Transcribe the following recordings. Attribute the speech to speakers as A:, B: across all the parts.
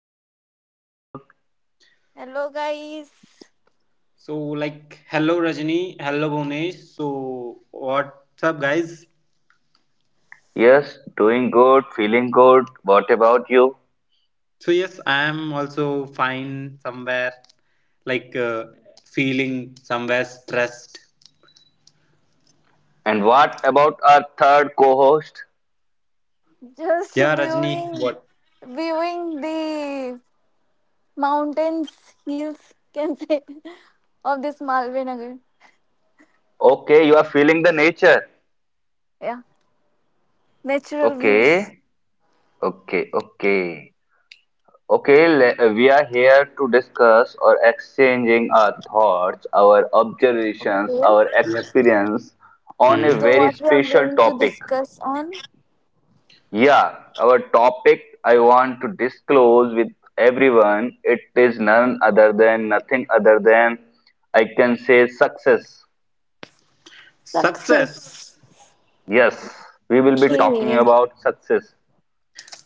A: another episode.
B: Hello guys,
C: So, like, hello Rajni, hello Bhunesh. So, what's up, guys?
A: Yes, doing good, feeling good. What about you?
C: So, yes, I am also fine somewhere, like, feeling somewhere stressed.
A: And what about our third co host?
B: just
C: Yeah, Rajni,
B: viewing
C: what?
B: viewing the mountains, hills, can say of this Malve Nagar.
A: Okay, you are feeling the nature.
B: Yeah, natural views.
A: Okay, okay, okay. We are here to discuss or exchanging our thoughts, our
B: Okay.
A: observations, our
C: Yep.
A: experience on
C: Hmm.
A: a
B: So what
A: very
B: we are going
A: special
B: to
A: topic.
B: discuss on
A: Yeah, our topic I want to disclose with everyone. It is none other than nothing other than I can say success.
C: Success.
B: success.
A: Yes, we will be talking
B: Okay.
A: about success.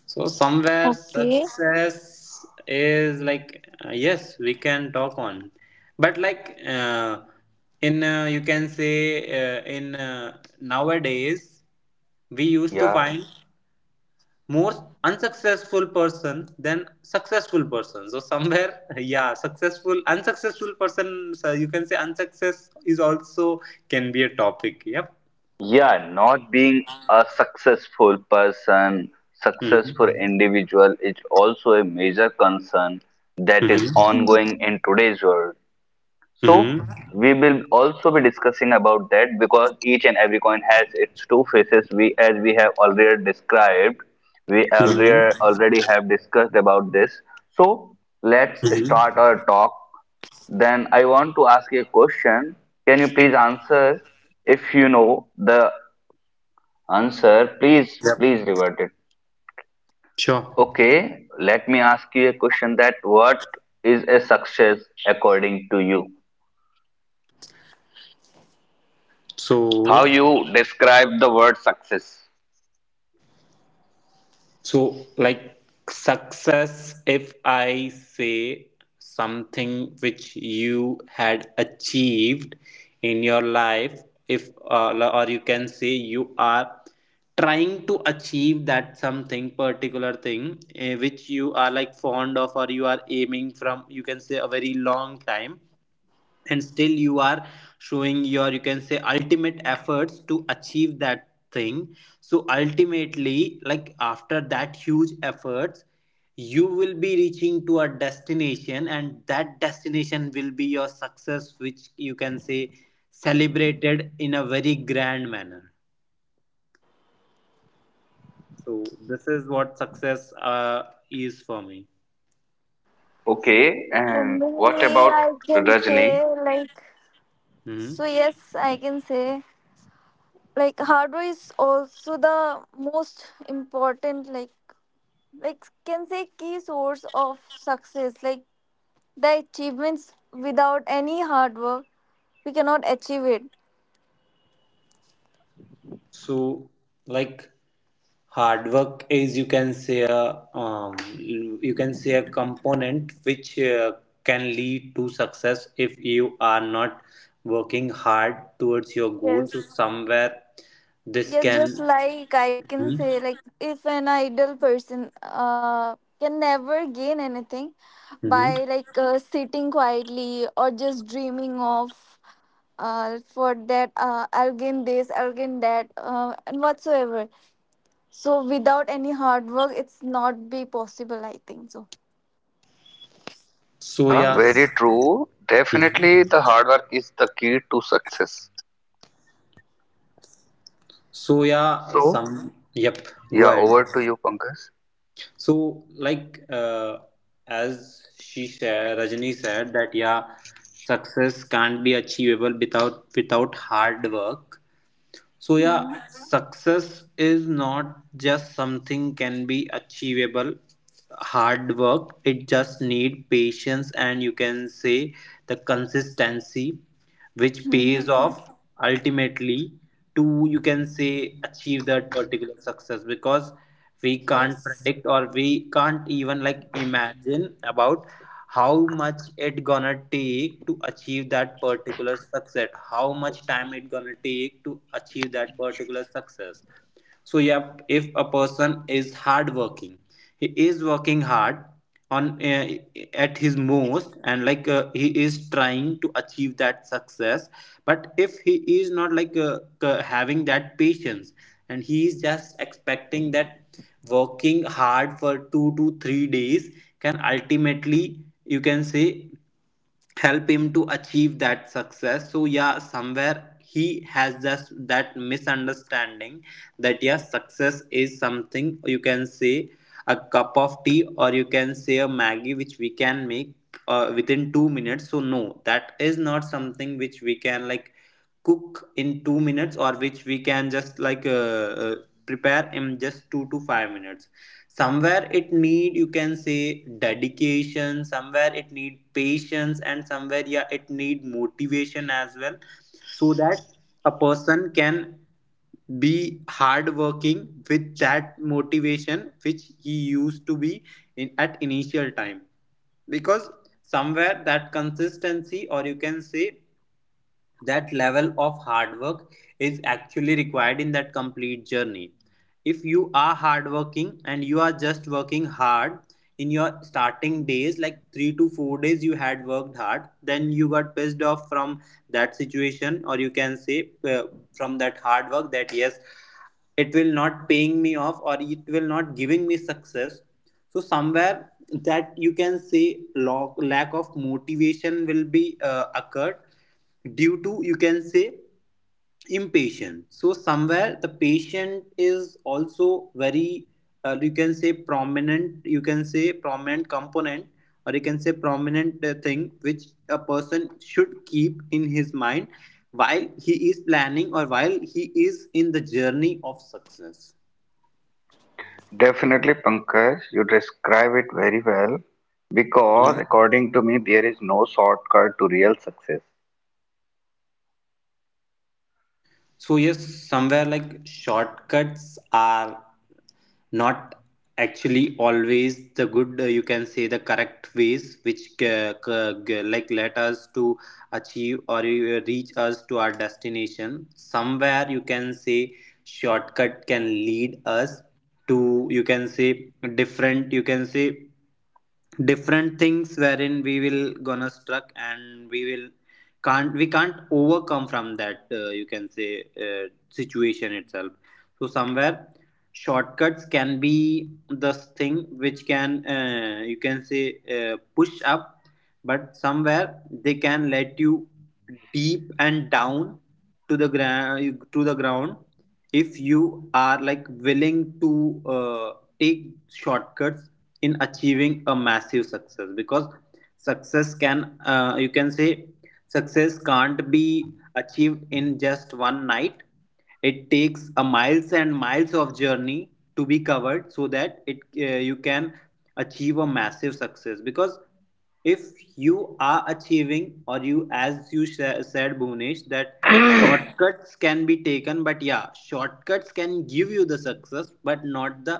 C: So, somewhere
B: Okay.
C: success is like, yes, we can talk on, but like, in you can say, in nowadays, we used to
A: Yeah.
C: find more unsuccessful person than successful person, so somewhere yeah, successful unsuccessful person, so you can say unsuccess is also can be a topic. Yep.
A: Yeah, not being a successful person, successful
C: Hmm.
A: individual is also a major concern that is
C: Hmm.
B: Hmm.
A: ongoing in today's world.
C: Hmm.
A: So we will also be discussing about that because each and every coin has its two faces. We, as we have already described, we already
C: Hmm.
A: already have discussed about this. So let's
C: Hmm.
A: start our talk. Then I want to ask you a question. Can you please answer? If you know the answer, please
C: Yep.
A: please revert it.
C: Sure.
A: Okay, let me ask you a question. That what is a success according to you?
C: so
A: How you describe the word success?
C: So, like, success, if I say something which you had achieved in your life, if or you can say you are trying to achieve that something particular thing, eh, which you are like fond of or you are aiming from you can say a very long time, and still you are showing your you can say ultimate efforts to achieve that thing, so ultimately like after that huge efforts you will be reaching to a destination, and that destination will be your success, which you can say celebrated in a very grand manner. So this is what success is for me.
A: Okay,
B: For
A: and what
B: me,
A: about
B: I can
A: Rajni?
B: say like.
C: Mhm.
B: Yes, I can say like hard work is also the most important, like can say key source of success, like the achievements without any hard work we cannot achieve it.
C: So like, hard work is you can say a you can say a component which can lead to success if you are not working hard towards your goal, so
B: Yes,
C: somewhere this
B: yes,
C: can.
B: just like I can say,
C: Mhm,
B: like, if an idle person can never gain anything
C: mhm.
B: by, like, sitting quietly or just dreaming of, for that, I'll gain this, I'll gain that, and whatsoever. So without any hard work it's not be possible, I think.
C: So
A: Yeah,
C: yeah.
A: very true.
C: Mhm.
A: Definitely, the hard work is the key to success.
C: So yeah,
A: So,
C: some. Yep. Go
A: yeah,
C: ahead.
A: over to you, Pankaj.
C: So like, as she said, Rajni said that yeah, success can't be achievable without hard work. So yeah,
B: So.
C: success is not just something can be achievable hard work. It just need patience and you can say the consistency which pays
B: Mhm.
C: off ultimately to you can say achieve that particular success, because we can't
B: Yes.
C: predict or we can't even like imagine about how much it gonna take to achieve that particular success, how much time it gonna take to achieve that particular success. So yep, if a person is hardworking, he is working hard on at his most, and like, he is trying to achieve that success, but if he is not like, having that patience, and he is just expecting that working hard for 2 to 3 days can ultimately you can say help him to achieve that success. So yeah, somewhere he has just that misunderstanding that yes, success is something you can say a cup of tea, or you can say a maggie which we can make within 2 minutes. So no, that is not something which we can like cook in 2 minutes, or which we can just like, prepare in just 2 to 5 minutes. Somewhere it need you can say dedication, somewhere it need patience, and somewhere yeah, it need motivation as well, so that a person can be hardworking with that motivation which he used to be in at initial time, because somewhere that consistency or you can say that level of hard work is actually required in that complete journey. If you are hardworking and you are just working hard in your starting days, like 3 to 4 days you had worked hard, then you got pissed off from that situation, or you can say from that hard work that yes, it will not paying me off, or it will not giving me success. So somewhere that you can say lack of motivation will be occurred due to you can say impatient. So somewhere the patient is also very, you can say prominent, you can say prominent component, or you can say prominent thing which a person should keep in his mind while he is planning, or while he is in the journey of success.
A: Definitely, Pankaj, you describe it very well because
C: Mhm.
A: according to me, there is no shortcut to real success.
C: So yes, somewhere like shortcuts are not actually always the good, you can say the correct ways, which like let us to achieve or reach us to our destination. Somewhere you can say shortcut can lead us to you can say different, you can say different things wherein we will gonna struck, and we can't overcome from that, you can say situation itself. So somewhere shortcuts can be the thing which can, you can say push up, but somewhere they can let you deep and down to the ground, to the ground, if you are like willing to take shortcuts in achieving a massive success, because success can, you can say success can't be achieved in just one night. It takes a miles and miles of journey to be covered, so that it, you can achieve a massive success. Because if you are achieving, or you as you said, Bhunesh, that shortcuts can be taken, but yeah, shortcuts can give you the success but not the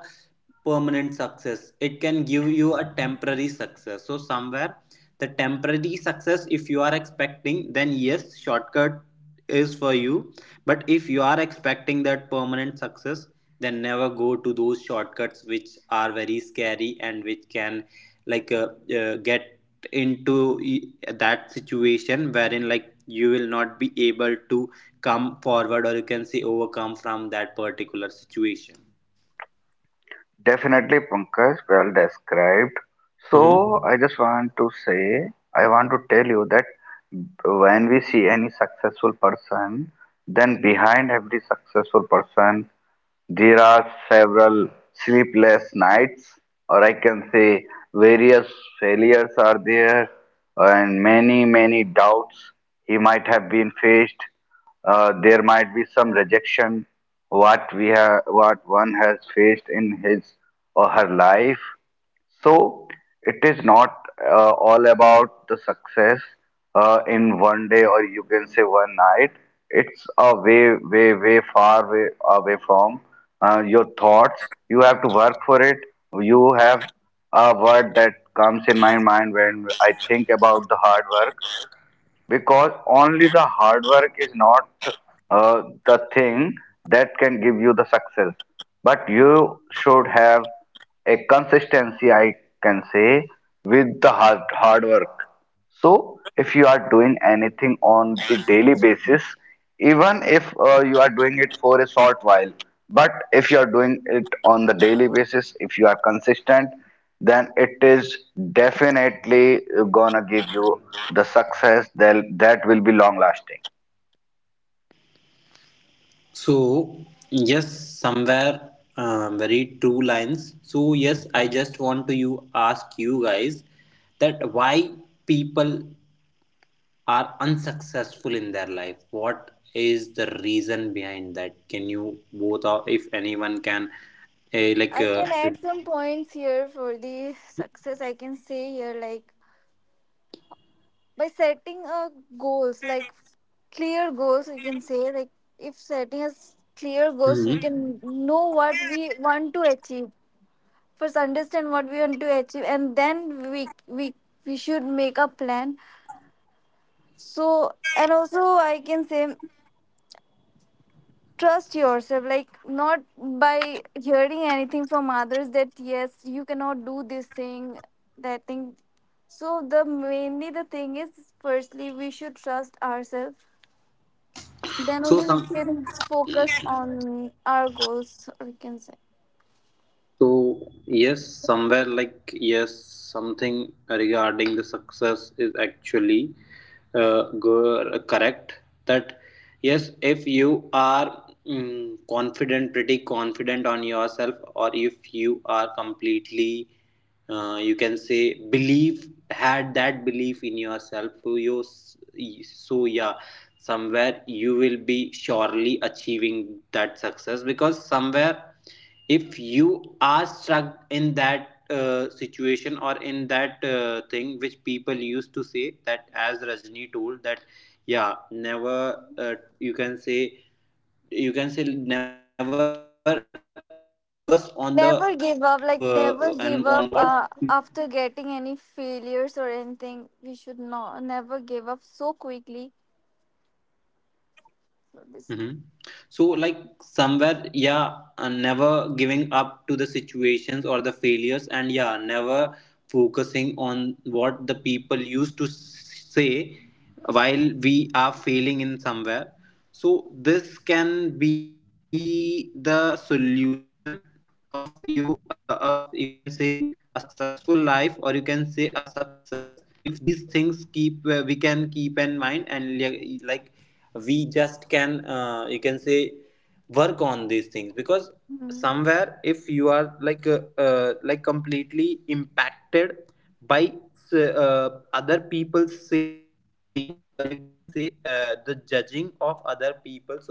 C: permanent success. It can give you a temporary success. So somewhere the temporary success, if you are expecting, then yes, shortcut is for you, but if you are expecting that permanent success, then never go to those shortcuts which are very scary and which can like, get into that situation wherein like you will not be able to come forward, or you can say overcome from that particular situation.
A: Definitely, Pankaj, well described.
C: Mhm.
A: So, I just want to say, I want to tell you that when we see any successful person, then behind every successful person there are several sleepless nights, or I can say various failures are there, and many, many doubts he might have been faced. There might be some rejection what we have what one has faced in his or her life so it is not all about the success in one day or you can say one night. It's a way, way, way far way away from your thoughts. You have to work for it. You have a word that comes in my mind when I think about the hard work because only the hard work is not the thing that can give you the success but you should have a consistency I can say with the hard, hard work so if you are doing anything on the daily basis even if you are doing it for a short while but if you are doing it on the daily basis if you are consistent then it is definitely gonna give you the success that that will be long lasting.
C: So, yes, somewhere very true lines. So, yes, I just want to you ask you guys that why people are unsuccessful in their life, what is the reason behind that, can you both, or if anyone can uh, like
D: I
C: uh,
D: can add
C: with-
D: some points here for the success. I can say here, like by setting a goals, like clear goals, we can say like if setting us clear goals, we
C: Mhm.
D: can know what we want to achieve. First, understand what we want to achieve, and then we we should make a plan. So, and also I can say trust yourself like not by hearing anything from others that yes you cannot do this thing that thing so the mainly the thing is firstly we should trust ourselves then
C: so
D: only we
C: some
D: can focus on our goals we can say
C: So, yes, somewhere like yes, something regarding the success is actually correct. That yes, if you are confident, pretty confident on yourself, or if you are completely, you can say, believe, had that belief in yourself, so so yeah, somewhere you will be surely achieving that success, because somewhere if you are stuck in that situation, or in that thing which people used to say that, as Rajni told, that yeah, never, you can say, never focus on the and
D: never
C: on
D: give
C: what.
D: up like never give up after getting any failures or anything we should not never give up so quickly.
C: Mhm.
D: Hmm.
C: So, like somewhere, yeah, never giving up to the situations or the failures, and yeah, never focusing on what the people used to say while we are failing in somewhere. So, this can be the solution of of you can say a successful life, or you can say a success, if these things keep, we can keep in mind, and like we just can, you can say, work on these things, because somewhere if you are like, like completely impacted by, other people saying, or you can say the judging of other people. So somewhere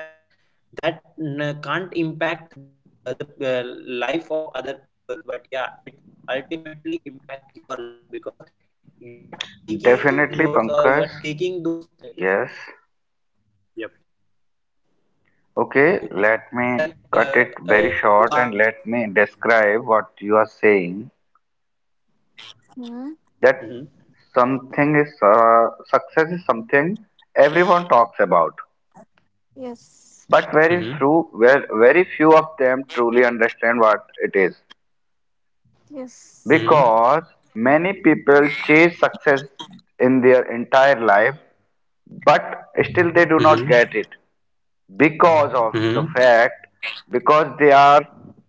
C: that can't impact the life of other people, but yeah, it will ultimately impact your life, because you are taking those words, or you are
A: Definitely,
C: taking those
A: Pankaj.
C: things.
A: Yes.
C: Yep. So, like,
A: Okay, let me
C: you
A: cut
C: are.
A: it very short and let me describe what you are saying.
C: Hmm.
D: Hmm.
A: That something is success is something everyone talks about,
D: Yes.
A: but
C: Hmm.
A: very few, well, very few of them truly understand what it is.
C: Hmm.
D: Yes.
A: Because many people chase success in their entire life, but still they do
C: Hmm.
A: not get it because of the
C: Hmm.
A: fact because they are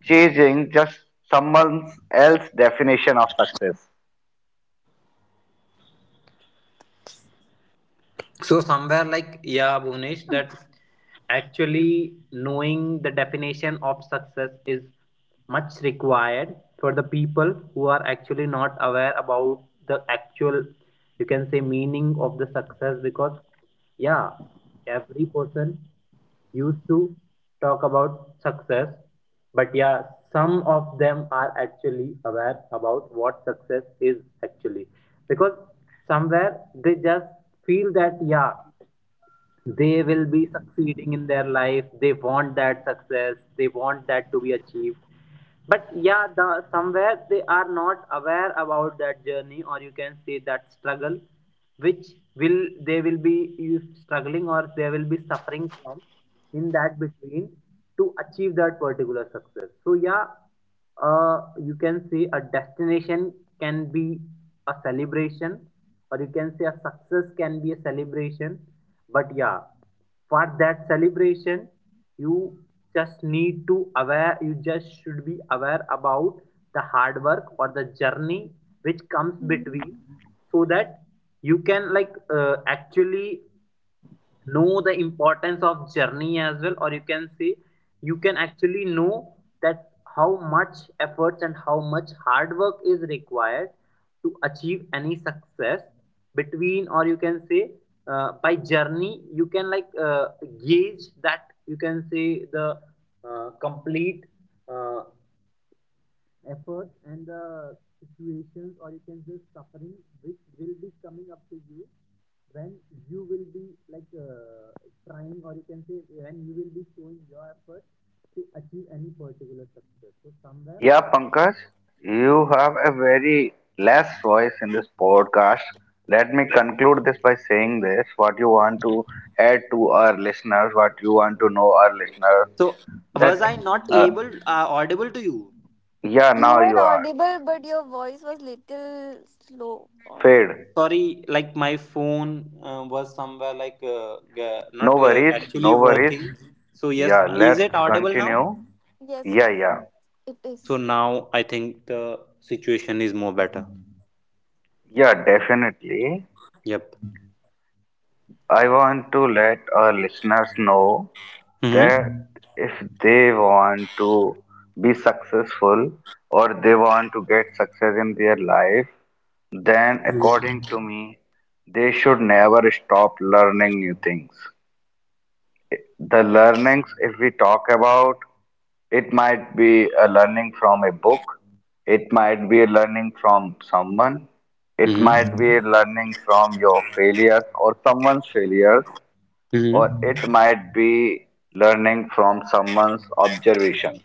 A: chasing just someone else's definition of success.
C: So somewhere like yeah, Bhuvnesh, that actually knowing the definition of success is much required for the people who are actually not aware about the actual you can say meaning of the success, because yeah, every person used to talk about success, but yeah, some of them are actually aware about what success is actually, because somewhere they just feel that yeah, they will be succeeding in their life, they want that success, they want that to be achieved, but yeah, the somewhere they are not aware about that journey, or you can say that struggle which will they will be struggling, or they will be suffering from in that between to achieve that particular success. So yeah, you can say a destination can be a celebration, or you can say a success can be a celebration, but yeah, for that celebration you just need to aware, you just should be aware about the hard work or the journey which comes
D: Mhm.
C: between, so that you can like, actually know the importance of journey as well, or you can say you can actually know that how much efforts and how much hard work is required to achieve any success between, or you can say, by journey you can like, gauge that you can say the complete uh, efforts and the situations, or you can say suffering which will be coming up to you when you will be like, trying, or you can say when you will be showing your effort to achieve any particular success, so somewhere.
A: Yeah, Pankaj, you
C: Hmm.
A: have a very less voice in this podcast. Let me conclude this by saying this what you want to add to our listeners, what you want to know our listeners
C: So, was
A: that
C: I not
A: uh,
C: able audible to you?
A: yeah,
D: You
A: now
D: were
A: you are.
D: audible, but your voice was little slow. Or
A: Fade.
C: Sorry, like my phone was somewhere like,
A: No
C: not
A: worries,
C: actually
A: no worries.
C: working. So yes,
A: Yeah,
C: is it
A: let's
C: audible now?
A: continue.
D: yes,
A: Yeah,
D: yes,
A: yeah.
D: it
C: So
D: is.
C: now I think the situation is more better.
A: Yeah, definitely.
C: Yep.
A: I want to let our listeners know
C: Mhm.
A: that if they want to be successful or they want to get success in their life, then
C: Mhm.
A: according to me, they should never stop learning new things. The learnings, if we talk about, it might be a learning from a book, it might be a learning from someone, it
C: Mhm.
A: might be a learning from your failure or someone's failure,
C: Mhm.
A: or it might be learning from someone's observations.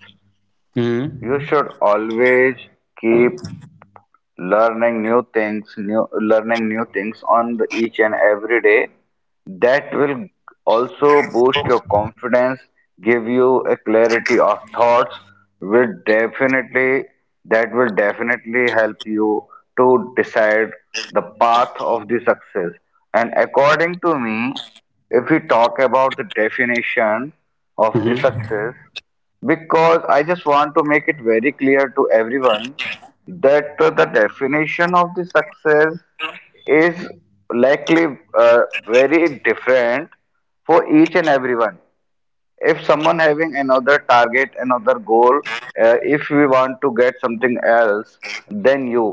C: Mhm.
A: You should always keep learning new things, new learning new things on the each and every day. That will also boost your confidence, give you a clarity of thoughts, will definitely that will definitely help you to decide the path of the success. And according to me, if we talk about the definition of the
C: Mhm.
A: success, because I just want to make it very clear to everyone that the
D: Mm.
A: definition of the success is likely very different for each and everyone if someone having another target another goal if we want to get something else than you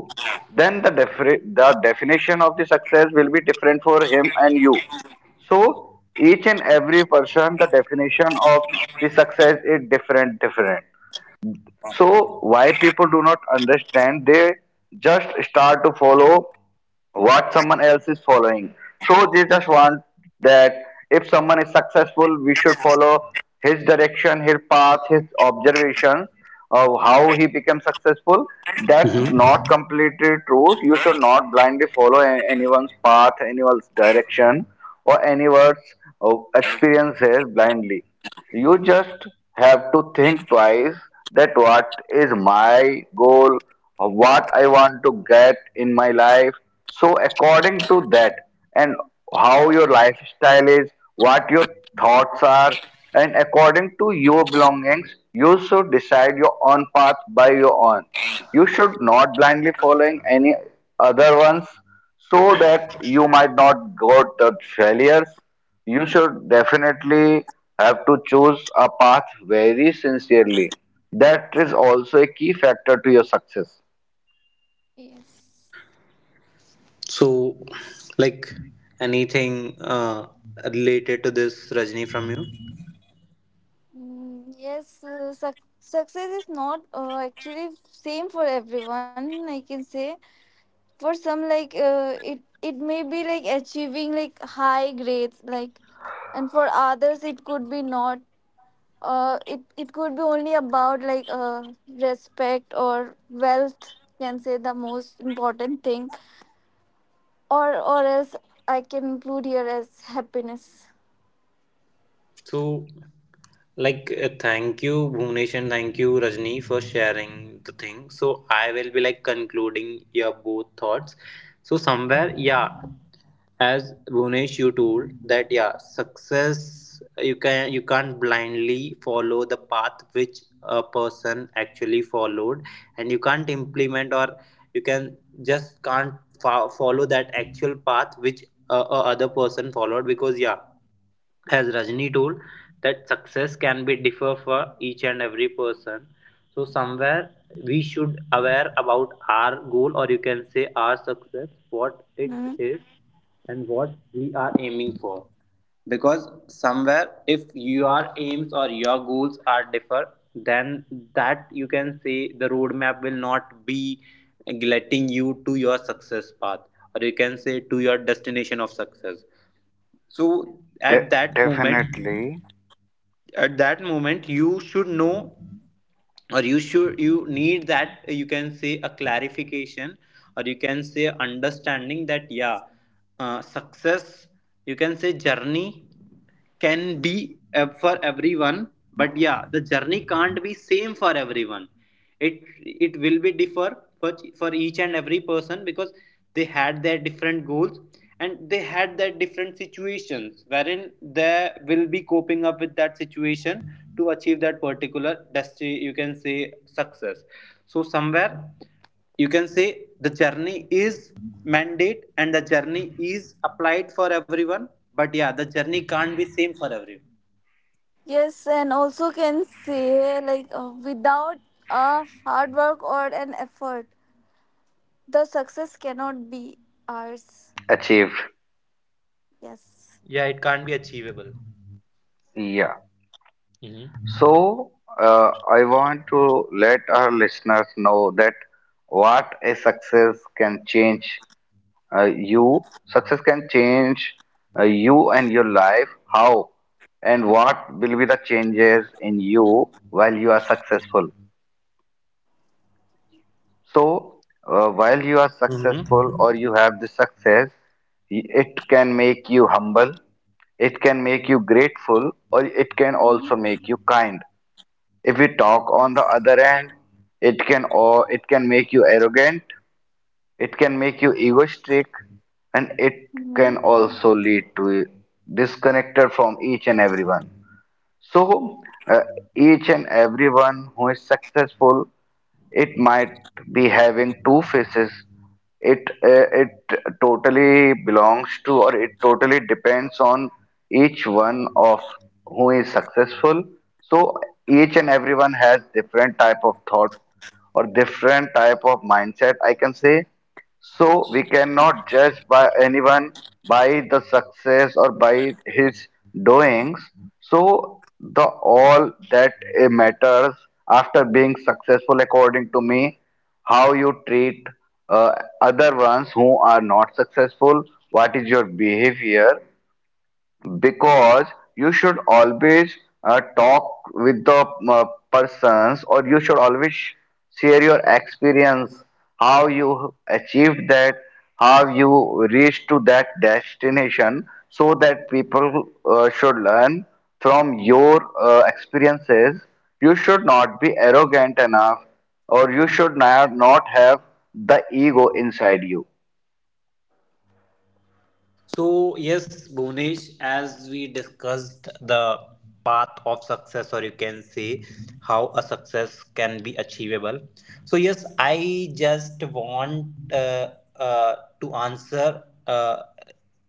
A: then the definition of the success will be different for him and you so each and every person the definition of the success is different different so why people do not understand they just start to follow what someone else is following. So Jesus wants that if someone is successful, we should follow his direction, his path, his observations of how he becomes successful. That's
C: Mhm.
A: not completely true. You should not blindly follow anyone's path, anyone's direction, or anyone's experiences blindly. You just have to think twice that what is my goal, or what I want to get in my life. So, according to that, and how your lifestyle is, what your thoughts are, and according to your belongings, you should decide your own path by your own. You should not blindly following any other ones so that you might not go the failures you should definitely have to choose a path very sincerely. That is also a key factor to your success.
D: Yes.
C: So, like, anything related to this, Rajni, from you?
D: Success is not actually same for everyone. I can say for some, like it may be like achieving like high grades, like, and for others it could be not. It could be only about like respect or wealth. Can say the most important thing or else I can include here as happiness.
C: So, Thank you, Bhuvnesh, and thank you, Rajni, for sharing the thing. So, I will be like concluding your both thoughts. So, somewhere, yeah, as Bhuvnesh you told that yeah success you can't blindly follow the path which a person actually followed, and you can't implement or you can just can't fo- follow that actual path which a other person followed, because yeah, as Rajni told, that success can be differ for each and every person. So somewhere we should aware about our goal, or you can say our success, what it
D: Mhm.
C: is and what we are aiming for. Because somewhere if your aims or your goals are differ, then that you can say the roadmap will not be letting you to your success path, or you can say to your destination of success. So at
A: De-
C: that moment
A: Definitely.
C: at that moment you should know, or you should you need that you can say a clarification, or you can say understanding that yeah, success you can say journey can be for everyone, but yeah the journey can't be same for everyone. It will be differ for each and every person, because they had their different goals and they had their different situations wherein they will be coping up with that situation to achieve that particular you can say success. So somewhere you can say the journey is mandate and the journey is applied for everyone, but yeah the journey can't be same for everyone.
D: Yes, and also can say like without a hard work or an effort, the success cannot be ours.
A: Achieved.
D: Yes.
C: Yeah, it can't be achievable.
A: Yeah.
C: hmm
A: So, I want to let our listeners know that what a success can change you. Success can change you and your life. How and what will be the changes in you while you are successful? So, while you are
C: hmm
A: successful or you have the success, it can make you humble, it can make you grateful, or it can also
D: Mhm.
A: make you kind. If we talk on the
D: Yes.
A: other end, it can or it can make you arrogant, it can make you egoistic, and it
D: Mhm.
A: can also lead to disconnected from each and everyone. So, uh, each and everyone who is successful, it might be having two faces. It totally belongs to, or it totally depends on each one of who is successful. So each and everyone has different type of thought or different type of mindset, I can say. So we cannot judge by anyone by the success or by his doings. So the all that matters after being successful, according to me, how you treat uh, other ones who are not successful. What is your behavior? Because you should always talk with the persons or you should always share your experience how you achieved that how you reached to that destination so that people should learn from your experiences you should not be arrogant enough or you should not have the ego inside you.
C: So, yes, Bhuvnesh, as we discussed the path of success, or you can say how a success can be achievable. So, yes, I just want uh, to answer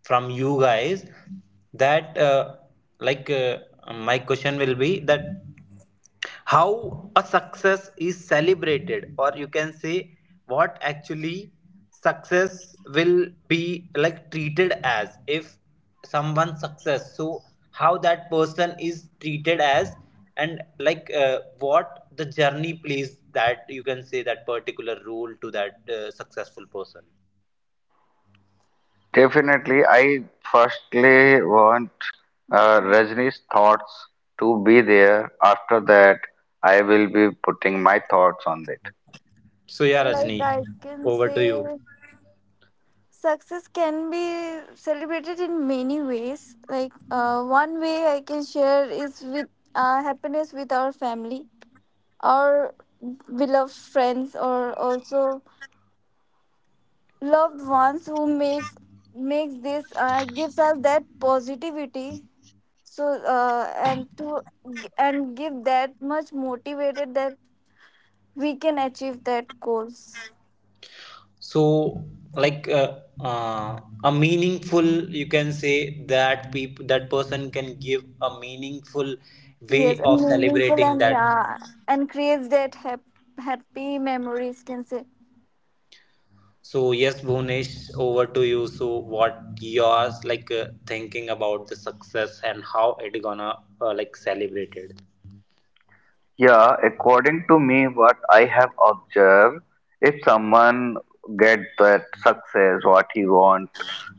C: from you guys that, like, uh, my question will be that how a success is celebrated, or you can say what actually success will be like treated as. If someone success, so how that person is treated as, and like what the journey plays that you can say that particular role to that successful person.
A: Definitely, I firstly want Rajni's thoughts to be there. After that, I will be putting my thoughts on it.
C: So yeah, Rajni,
D: Like I can
C: over to you.
D: say, success can be celebrated in many ways. Like one way I can share is with happiness with our family our beloved friends or also loved ones who makes this gives us that positivity so and to and give that much motivated that we can achieve that goals
C: So, like uh, uh, a meaningful you can say that people that person can give a meaningful
D: yes
C: way of
D: and meaningful
C: celebrating
D: and
C: that.
D: yeah and creates that happy memories can say.
C: So yes, Bhunesh, over to you. So what yours, like thinking about the success and how it gonna like celebrated.
A: Yeah, according to me, what I have observed, if someone get that success, what he want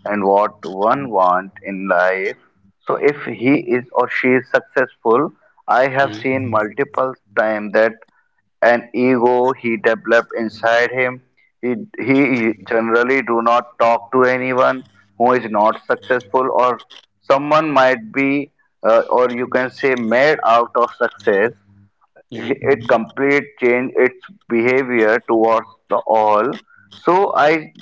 A: and what one want in life, so if he is or she is successful, I have
C: Mhm.
A: seen multiple time that an ego he developed inside him. He generally do not talk to anyone who is not successful or someone might be or you can say made out of success
C: Mhm.
A: it complete change its behavior towards the all. So I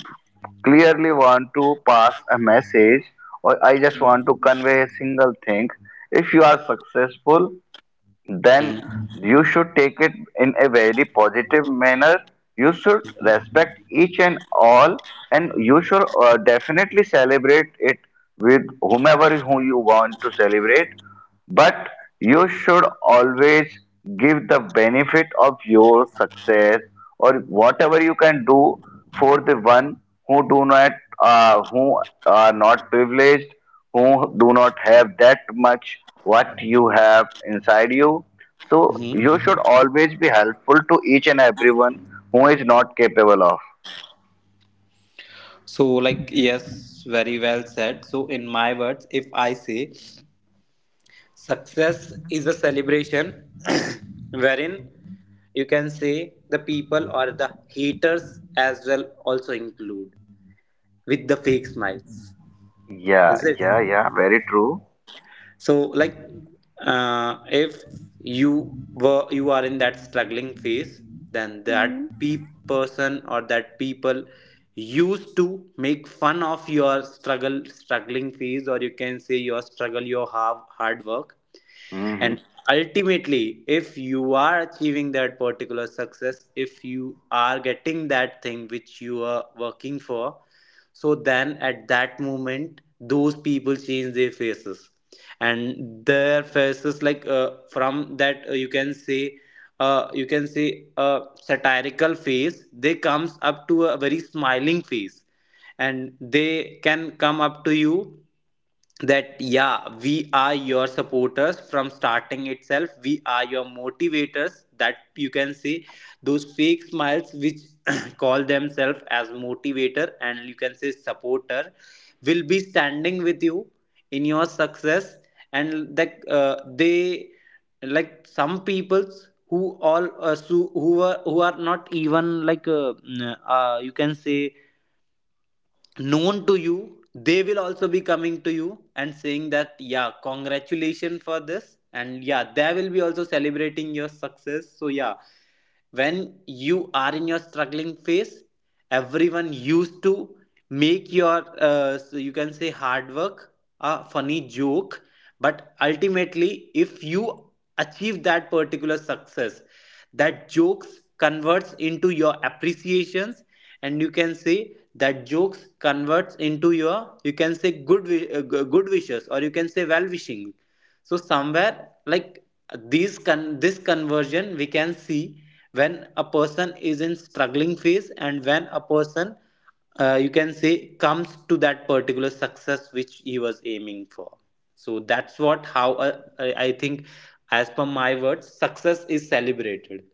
A: clearly want to pass a message or I just want to
D: Mhm.
A: convey a single thing. If you are successful, then
C: Mhm.
A: you should take it in a very positive manner. You should
C: Mhm.
A: respect each and all, and you should definitely celebrate it with whomever who you want to celebrate. But you should always give the benefit of your success or whatever you can do for the one who do not who are not privileged who do not have that much what you have inside you. So
C: Mhm.
A: you should always be helpful to each and everyone who is not capable of.
C: So, like, yes, very well said. So, in my words, if I say success is a celebration wherein you can say the people or the haters as well also include with the fake smiles.
A: Yeah,
C: Is it?
A: yeah, yeah, very true.
C: So like, if you are in that struggling phase, then
D: Mhm.
C: that person or that people used to make fun of your struggle struggling phase, or you can say your struggle, your hard work.
A: Mhm.
C: And ultimately if you are achieving that particular success, if you are getting that thing which you are working for, so then at that moment those people change their faces. And their faces, like from that you can say a satirical face, they comes up to a very smiling face, and they can come up to you that yeah, we are your supporters from starting itself, we are your motivators, that you can say. Those fake smiles which call themselves as motivator and you can say supporter, will be standing with you in your success. And that they, like some peoples who all who are not even you can say known to you, they will also be coming to you and saying that yeah, congratulations for this, and yeah they will be also celebrating your success. So yeah, when you are in your struggling phase, everyone used to make your you can say hard work a funny joke. But ultimately if you achieve that particular success, that jokes converts into your appreciations, and you can say that jokes converts into your you can say good good wishes, or you can say well wishing. So somewhere like this conversion we can see, when a person is in struggling phase and when a person you can say comes to that particular success which he was aiming for. So that's what how I think, as per my words, success is celebrated.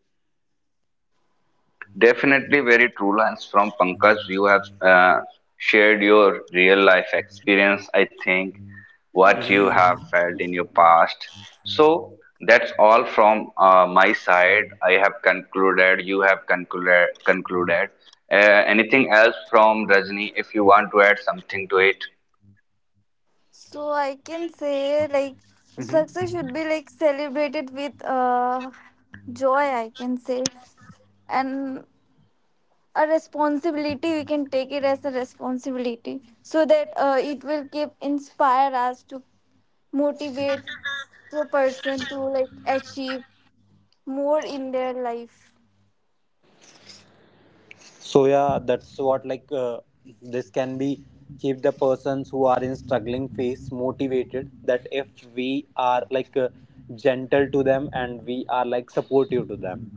A: Definitely very true lines from Pankaj. You have shared your real life experience, I think, what
C: Mm-hmm.
A: you
D: Yes.
A: have felt in your past. So that's all from my side. I have concluded, you have concluded. Uh, Anything else from Rajni if you want to add something to it?
D: So I can say like
C: Mm-hmm.
D: success should be like celebrated with joy. I can say, and a responsibility we can take it as a responsibility so that it will keep inspire us to motivate the person to like achieve more in their life.
C: So yeah, that's what, like this can be keep the persons who are in struggling phase motivated. That if we are like gentle to them and we are like supportive to them.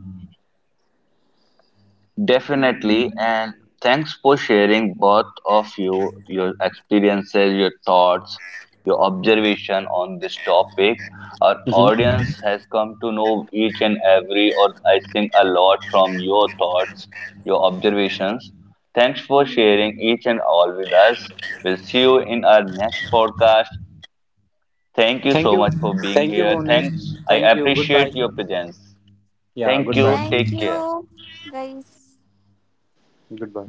A: Definitely, and thanks for sharing both of you your experiences, your thoughts, your observation on this topic. Our
C: Mhm.
A: audience has come to know each and every, or I think a lot from your thoughts, your observations. Thanks for
D: Hmm.
A: sharing each and all with us. We'll see you in our next podcast. Thank you
C: Thank
A: so
C: you,
A: much for being
C: thank you,
A: here.
C: Bonesh.
A: Thanks. I
C: Thank you. Goodbye.
A: appreciate your presence.
C: Yeah,
A: Thank
C: goodbye.
A: you.
D: Thank
A: Take care.
D: you, guys.
C: Goodbye.